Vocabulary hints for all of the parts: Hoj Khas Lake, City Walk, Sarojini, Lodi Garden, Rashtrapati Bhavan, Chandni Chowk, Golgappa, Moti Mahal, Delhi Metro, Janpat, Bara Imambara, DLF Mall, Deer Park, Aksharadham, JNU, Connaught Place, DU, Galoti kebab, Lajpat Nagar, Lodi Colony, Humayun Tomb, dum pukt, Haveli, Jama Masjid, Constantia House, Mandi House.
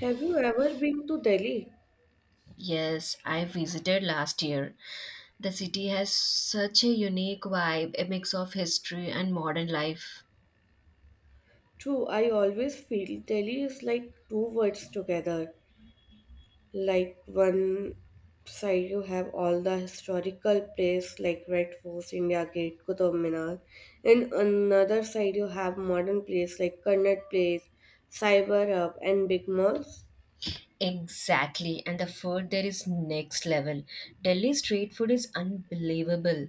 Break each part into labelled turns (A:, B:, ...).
A: Have you ever been to Delhi?
B: Yes, I visited last year. The city has such a unique vibe, a mix of history and modern life.
A: True, I always feel Delhi is like two words together. Like one side you have all the historical place like Red Fort, India Gate, Qutub Minar, and another side you have modern place like Connaught Place, Cyber Hub, and big malls.
B: Exactly, and the food there is next level. Delhi street food is unbelievable.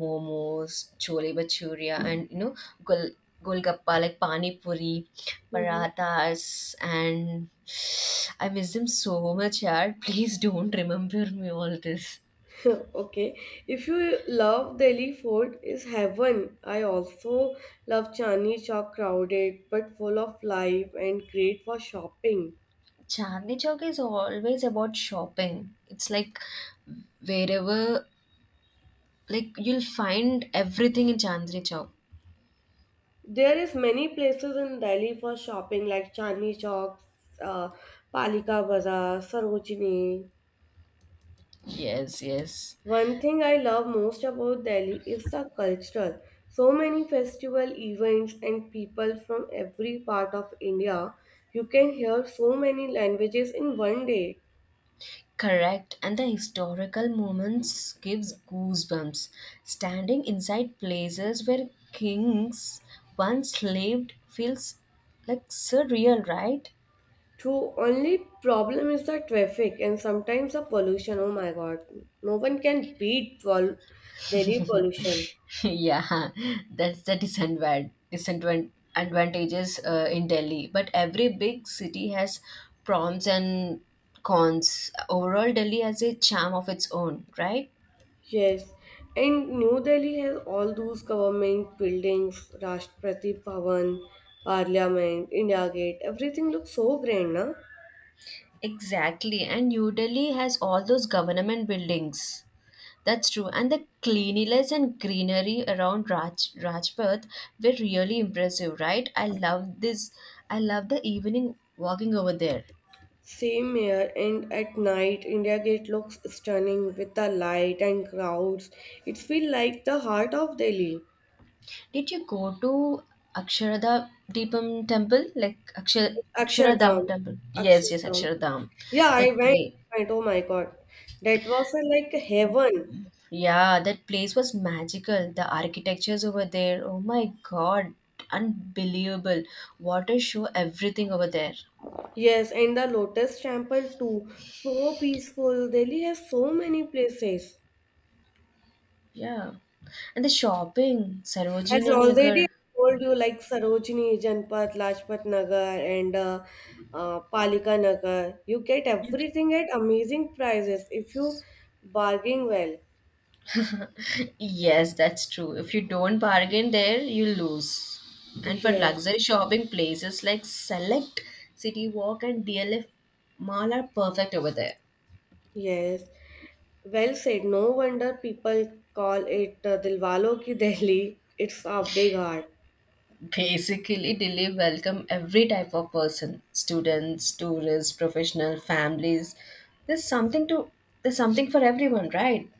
B: Momos, chole bhatura, gol golgappa like pani puri,
A: Mhm.
B: parathas, and I miss them so much, yaar. Please don't remember me all this.
A: Okay, if you love Delhi Fort is heaven. I also love Chandni Chowk crowded but full of life and great for shopping.
B: Chandni Chowk is always about shopping. It's like wherever, like you'll find everything in Chandni Chowk.
A: There is many places in Delhi for shopping like Chandni Chowk, uh, Palika Bazaar, Sarojini.
B: Yes, yes.
A: One thing I love most about Delhi is the cultural. So many festival events and people from every part of India. You can hear so many languages in one day.
B: Correct. And the historical moments gives goosebumps. Standing inside places where kings once lived feels like surreal, right?
A: True, only problem is the traffic and sometimes the pollution. Oh my god, no one can beat Delhi pollution.
B: Yeah, that's the advantages in Delhi, but every big city has proms and cons. Overall, Delhi has a charm of its own, right?
A: Yes, and New Delhi has all those government buildings, Rashtrapati Bhavan, Parliament, India Gate. Everything looks so grand, na?
B: Exactly, and new Delhi has all those government buildings. That's true, and the cleanliness and greenery around Rajpath were really impressive, right? I love this, I love the evening walking over there.
A: Same here, and at night, India Gate looks stunning with the light and crowds. It feels like the heart of Delhi.
B: Did you go to Aksharada Deepam temple? Like Aksharadham
A: Akshardham.
B: temple. Yes, yes,
A: Akshardham.
B: Aksharadham.
A: Yeah, I
B: That
A: went.
B: place.
A: Went. Oh my God. That was like heaven.
B: Yeah, that place was magical. The architectures over there. Oh my God. Unbelievable. Water show, everything over there.
A: Yes, and the Lotus Temple too. So peaceful. Delhi has so many places.
B: Yeah. And the shopping.
A: As
B: Sarojini
A: already I
B: Nagar.
A: told you, like Sarojini, Janpat, Lajpat Nagar, and Palika Nagar. You get everything at amazing prices if you bargain well.
B: Yes, that's true. If you don't bargain there, you lose. And for
A: Yes,
B: luxury shopping, places like Select, City Walk, and DLF Mall are perfect over there.
A: yes. Well said. No wonder people call it Dilwalo Ki Delhi. It's a big heart.
B: Basically, Delhi welcome every type of person: students, tourists, professional, families. There's something to there's something for everyone, right?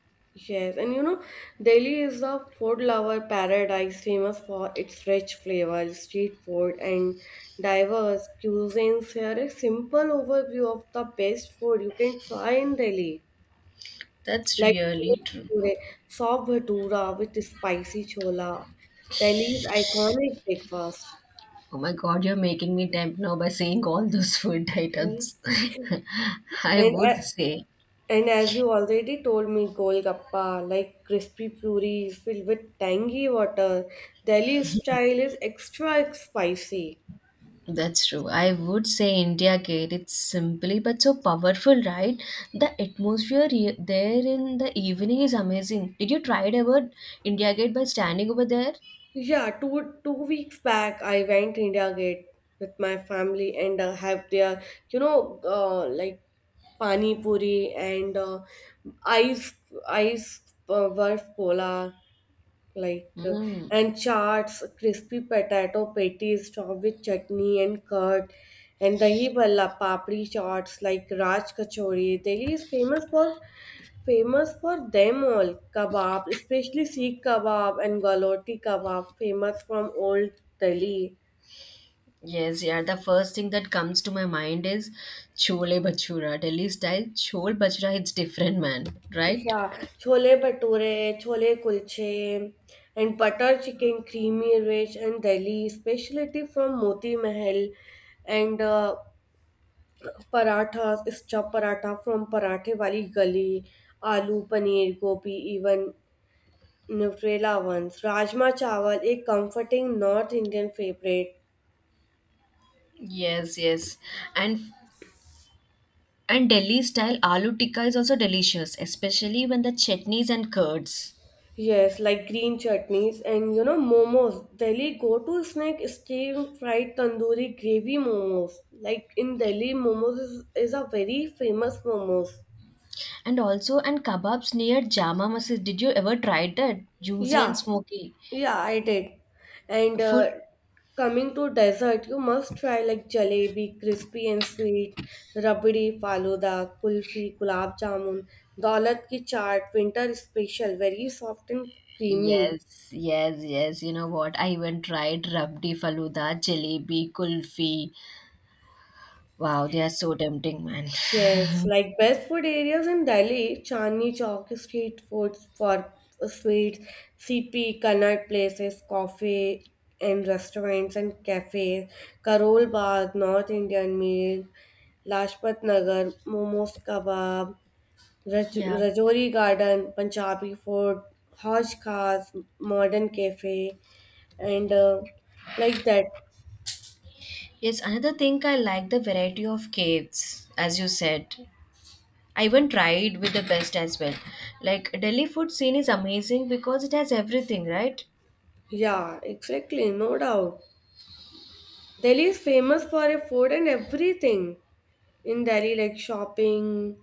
A: Yes, and you know, Delhi is a food lover paradise famous for its rich flavor, street food, and diverse cuisines. Here, a simple overview of the best food you can try in Delhi,
B: That's
A: like
B: really true.
A: today, soft bhatura with spicy chola, Delhi's iconic breakfast.
B: Oh my God, you're making me tempt now by saying all those food
A: Okay.
B: items. I
A: And
B: would
A: I,
B: say.
A: And as you already told me, Golgappa, like crispy puris filled with tangy water, Delhi style is extra spicy.
B: That's true. I would say India Gate. It's simply but so powerful, right? The atmosphere there in the evening is amazing. Did you try it ever, India Gate, by standing over there?
A: Yeah, two weeks back I went India Gate with my family and have their like pani puri and ice ice barf cola like
B: Mm.
A: and charts, crispy potato patties topped with chutney and curd, and dahi bhalla, papri chaats like Raj Kachori. Delhi is famous for them all. Kebab, especially Sikh kebab and Galoti kebab, famous from old Delhi.
B: Yes, yeah. The first thing that comes to my mind is chole bhatura, Delhi style chole bhatura. It's different, man, right?
A: Yeah, chole bhature, chole kulche, and butter chicken, creamy rich, and Delhi specialty from Moti Mahal, and paratha stuff paratha from Paranthe Wali Gali aloo paneer gobhi even Nutrela ones rajma chawal, a comforting north indian favorite.
B: Yes, yes. And and Delhi style aloo tikka is also delicious, especially when the chutneys and curds.
A: Yes, like green chutneys, and you know, momos, Delhi go to snack is steam fried tandoori gravy momos, like in Delhi momos is a very famous momos.
B: And also, and kebabs near Jama Masjid. Did you ever try that? Juicy and
A: Yeah,
B: smoky
A: yeah, I did. And
B: food.
A: Coming to dessert, you must try like jalebi, crispy and sweet, rabdi, faluda, kulfi, gulab jamun, daulat ki chaat, winter special, very soft and creamy.
B: Yes, yes, yes. You know what? I even tried rabdi faluda, jalebi, kulfi. Wow, they are so tempting, man.
A: Yes, like best food areas in Delhi, Chandni Chowk is street food for sweets, CP, Kannad places, coffee and restaurants and cafes, Karol Bagh, North Indian meal, Lajpat Nagar, momos kebab,
B: Yeah.
A: Rajouri Garden, Punjabi food, Haj Khas, modern cafe, and like that.
B: Yes, another thing I like, the variety of cakes, as you said. I even tried with the best as well. Like Delhi food scene is amazing because it has everything, right?
A: Yeah, exactly, no doubt. Delhi is famous for a food and everything. In Delhi, like shopping,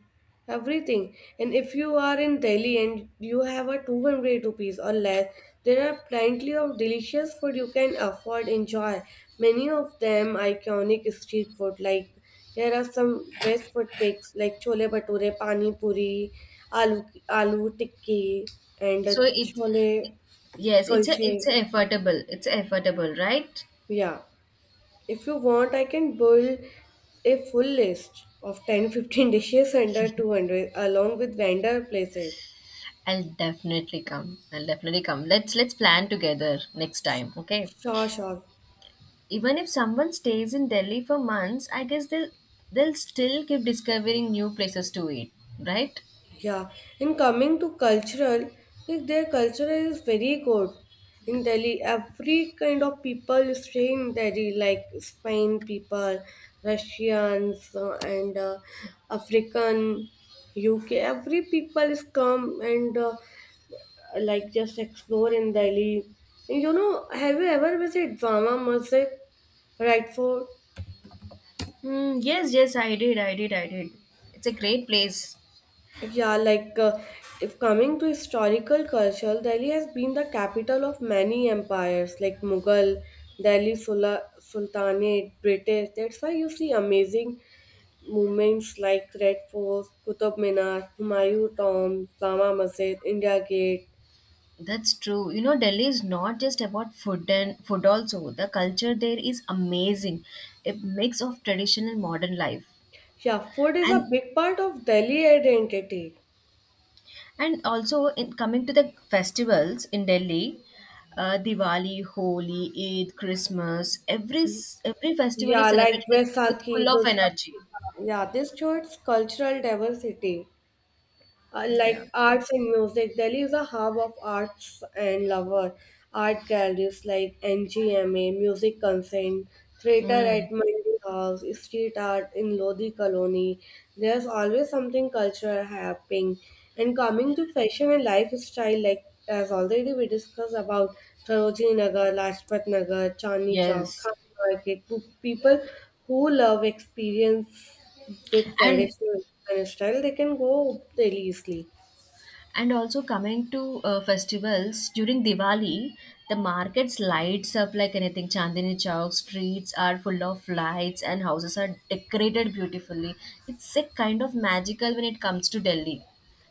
A: everything. And if you are in Delhi and you have a 200 rupees or less, there are plenty of delicious food you can afford enjoy. Many of them iconic street food. Like here are some best food picks like chole bhature, pani puri, aloo tikki, and
B: So it
A: chole
B: Yes, it's a
A: kulche.
B: affordable. It's affordable, right?
A: Yeah. If you want, I can build a full list of 10, 15 dishes under 200 along with vendor places.
B: I'll definitely come. I'll definitely come. Let's plan together next time, okay?
A: Sure, sure.
B: Even if someone stays in Delhi for months, I guess they'll still keep discovering new places to eat, right?
A: Yeah. And coming to cultural, like their culture is very good. In Delhi, every kind of people stay in Delhi, like Spain people, Russians, and African, UK. Every people is come and like just explore in Delhi. And you know, have you ever visited Jama Masjid, right? For
B: Hmm. Yes, yes, I did, I did, I did. It's a great place.
A: yeah, if coming to historical culture, Delhi has been the capital of many empires like Mughal, Sultanate, British. That's why you see amazing movements like Red Fort, Qutub Minar, Humayun Tomb, Jama Masjid, India Gate.
B: That's true. You know, Delhi is not just about food and food also. The culture there is amazing. A mix of tradition and modern life.
A: Yeah, food is a
B: And
A: big part of Delhi identity.
B: And also, in coming to the festivals in Delhi, Diwali, Holi, Eid, Christmas, every festival is
A: Yeah, like
B: celebrated with full
A: Vaisakhi,
B: of
A: Durga
B: energy.
A: Puja. Yeah, this shows cultural diversity.
B: Yeah.
A: Like arts and music, Delhi is a hub of arts and lover. Art galleries like NGMA, Music Consent, theater
B: Mm,
A: at Mandi House, street art in Lodi Colony. There's always something cultural happening. And coming to fashion and lifestyle, like as already we discussed about Sarojini Nagar, Lajpat Nagar, Chandni Chowk,
B: yes,
A: Khan Market, people who love experience with
B: and
A: traditional Indian style, they can go Delhi easily.
B: and also coming to festivals during Diwali, the markets lights up like anything. Chandni Chowk streets are full of lights, and houses are decorated beautifully. It's a kind of magical when it comes to Delhi,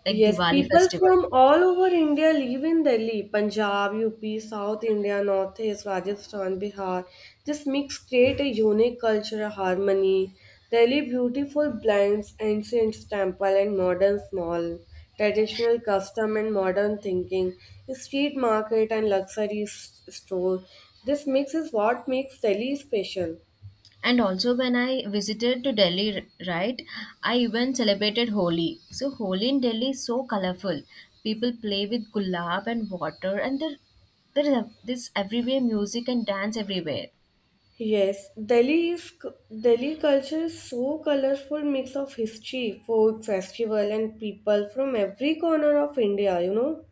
B: like
A: Yes,
B: Diwali
A: people
B: festival.
A: from all over India live in Delhi. Punjab, UP, South India, North East, Rajasthan, Bihar. This mix create a unique cultural harmony. Delhi beautiful blends ancient temple and modern small, traditional custom and modern thinking, street market and luxury store. This mix is what makes Delhi special.
B: And also, when I visited to Delhi, right, I even celebrated Holi. So Holi in Delhi is so colorful. People play with gulab and water, and there is this everywhere music and dance everywhere.
A: Yes, Delhi culture is so colorful mix of history, folk, festival, and people from every corner of India, you know.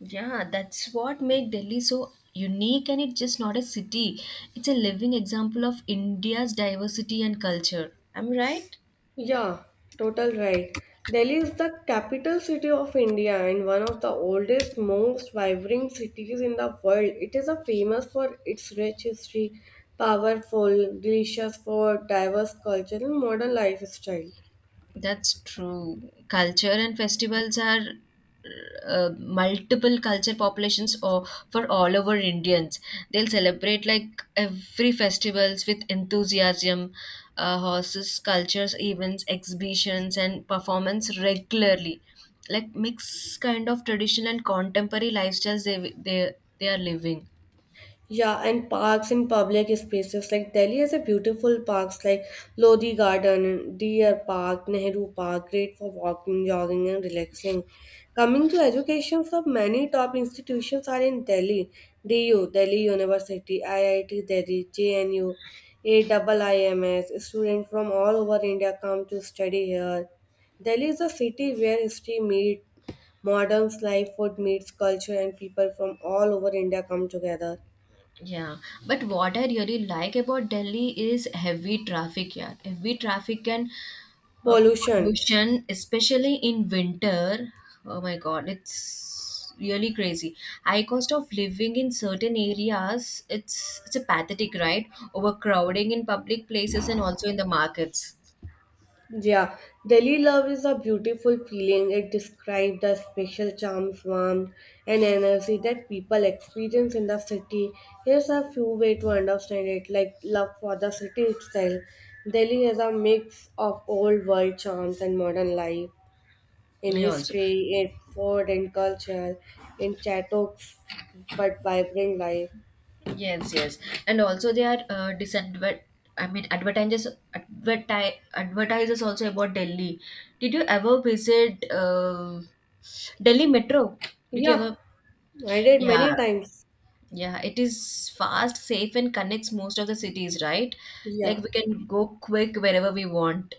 B: Yeah, that's what make Delhi so unique, and it's just not a city. It's a living example of India's diversity and culture. Am I right?
A: Yeah, total right. Delhi is the capital city of India and one of the oldest, most vibrant cities in the world. It is a famous for its rich history, powerful, delicious food, diverse culture, and modern lifestyle.
B: That's true. Culture and festivals are multiple culture populations or for all over Indians. They'll celebrate like every festivals with enthusiasm, horses, cultures, events, exhibitions, and performance regularly. Like mix kind of traditional and contemporary lifestyles they are living.
A: Yeah, and parks in public spaces like Delhi has a beautiful parks like Lodi Garden, Deer Park, Nehru Park, great for walking, jogging, and relaxing. Coming to education, so many top institutions are in Delhi. DU, Delhi University, IIT Delhi, JNU, AIIMS. Students from all over India come to study here. Delhi is a city where history meets modern life, food meets culture, and people from all over India come together.
B: Yeah, but what I really like about Delhi is heavy traffic. Yeah, heavy traffic and uh,
A: Pollution.
B: pollution, especially in winter. Oh my God, it's really crazy. High cost of living in certain areas, it's a pathetic, right? Overcrowding in public places and also in the markets.
A: Yeah, Delhi love is a beautiful feeling. It describes the special charms, warmth, and energy that people experience in the city. Here's a few ways to understand it, like love for the city itself. Delhi is a mix of old world charms and modern life, in
B: Yeah, also.
A: history, in food, and culture, in chattox, but vibrant life.
B: Yes, yes, and also they are disadvert. I mean, advertisers advertisers also about Delhi. Did you ever visit Delhi Metro? Did you
A: Yeah,
B: ever?
A: I did
B: Yeah,
A: many times.
B: yeah. It is fast, safe, and connects most of the cities, right? Like
A: Yeah.
B: we can go quick wherever we want.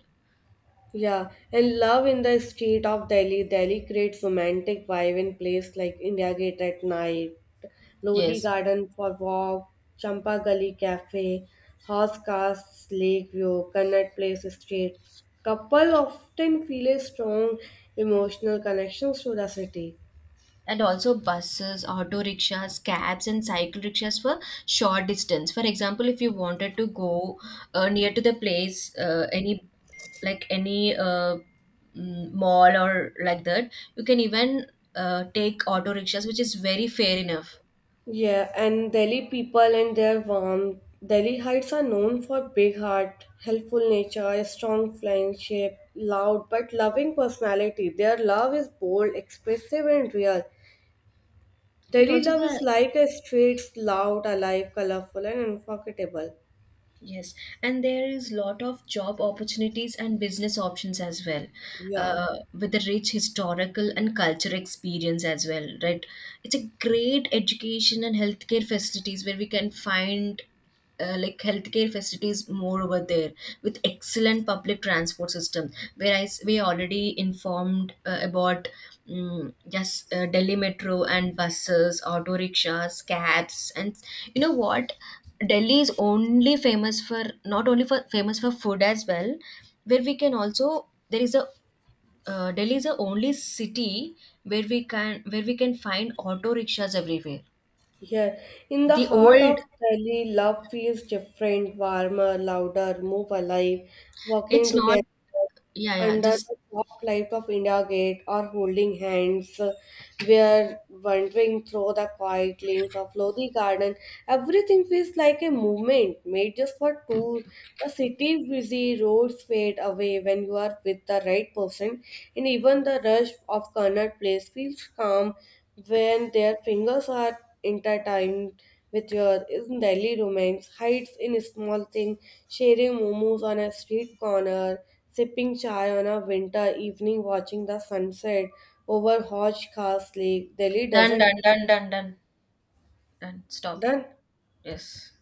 A: Yeah, and love in the street of Delhi. Delhi creates romantic vibe in place like India Gate at night, Lodi
B: Yes.
A: Garden for walk, Champa Gully Cafe, Horse Cars Lake View, Connaught Place Street. Couple often feel a strong emotional connections to the city.
B: And also buses, auto rickshaws, cabs, and cycle rickshaws for short distance. For example, if you wanted to go near to the place, any like any mm, mall or like that, you can even take auto rickshaws, which is very fair enough.
A: Yeah, and Delhi people and their warmth. Delhi Heights are known for big heart, helpful nature, strong friendship, loud but loving personality. Their love is bold, expressive, and real.
B: And
A: Delhi
B: also
A: love is
B: the
A: like a street's loud, alive, colorful, and unforgettable.
B: Yes, and there is lot of job opportunities and business options as well,
A: Yeah.
B: with a rich historical and cultural experience as well, right? It's a great education and healthcare facilities where we can find like healthcare facilities more over there with excellent public transport system. Where we already informed about mm, yes, Delhi metro and buses, auto rickshaws, cabs, and you know what? Delhi is only famous for not only for famous for food as well, where we can also there is a Delhi is the only city where we can find auto rickshaws everywhere.
A: Yeah, in the
B: The
A: heart
B: old,
A: of Delhi, love feels different, warmer, louder, move alive, walking
B: it's not,
A: together,
B: yeah yeah,
A: under
B: just
A: the soft light of India Gate or holding hands, were wandering through the quiet lanes of Lodi Garden. Everything feels like a movement made just for tours. The city's busy roads fade away when you are with the right person, and even the rush of Connard Place feels calm when their fingers are intertwined with your in Delhi remains, hides in small things, sharing momos on a street corner, sipping chai on a winter evening, watching the sunset over Hoj Khas Lake. Delhi
B: done
A: doesn't
B: done done done done done stop.
A: done.
B: Yes.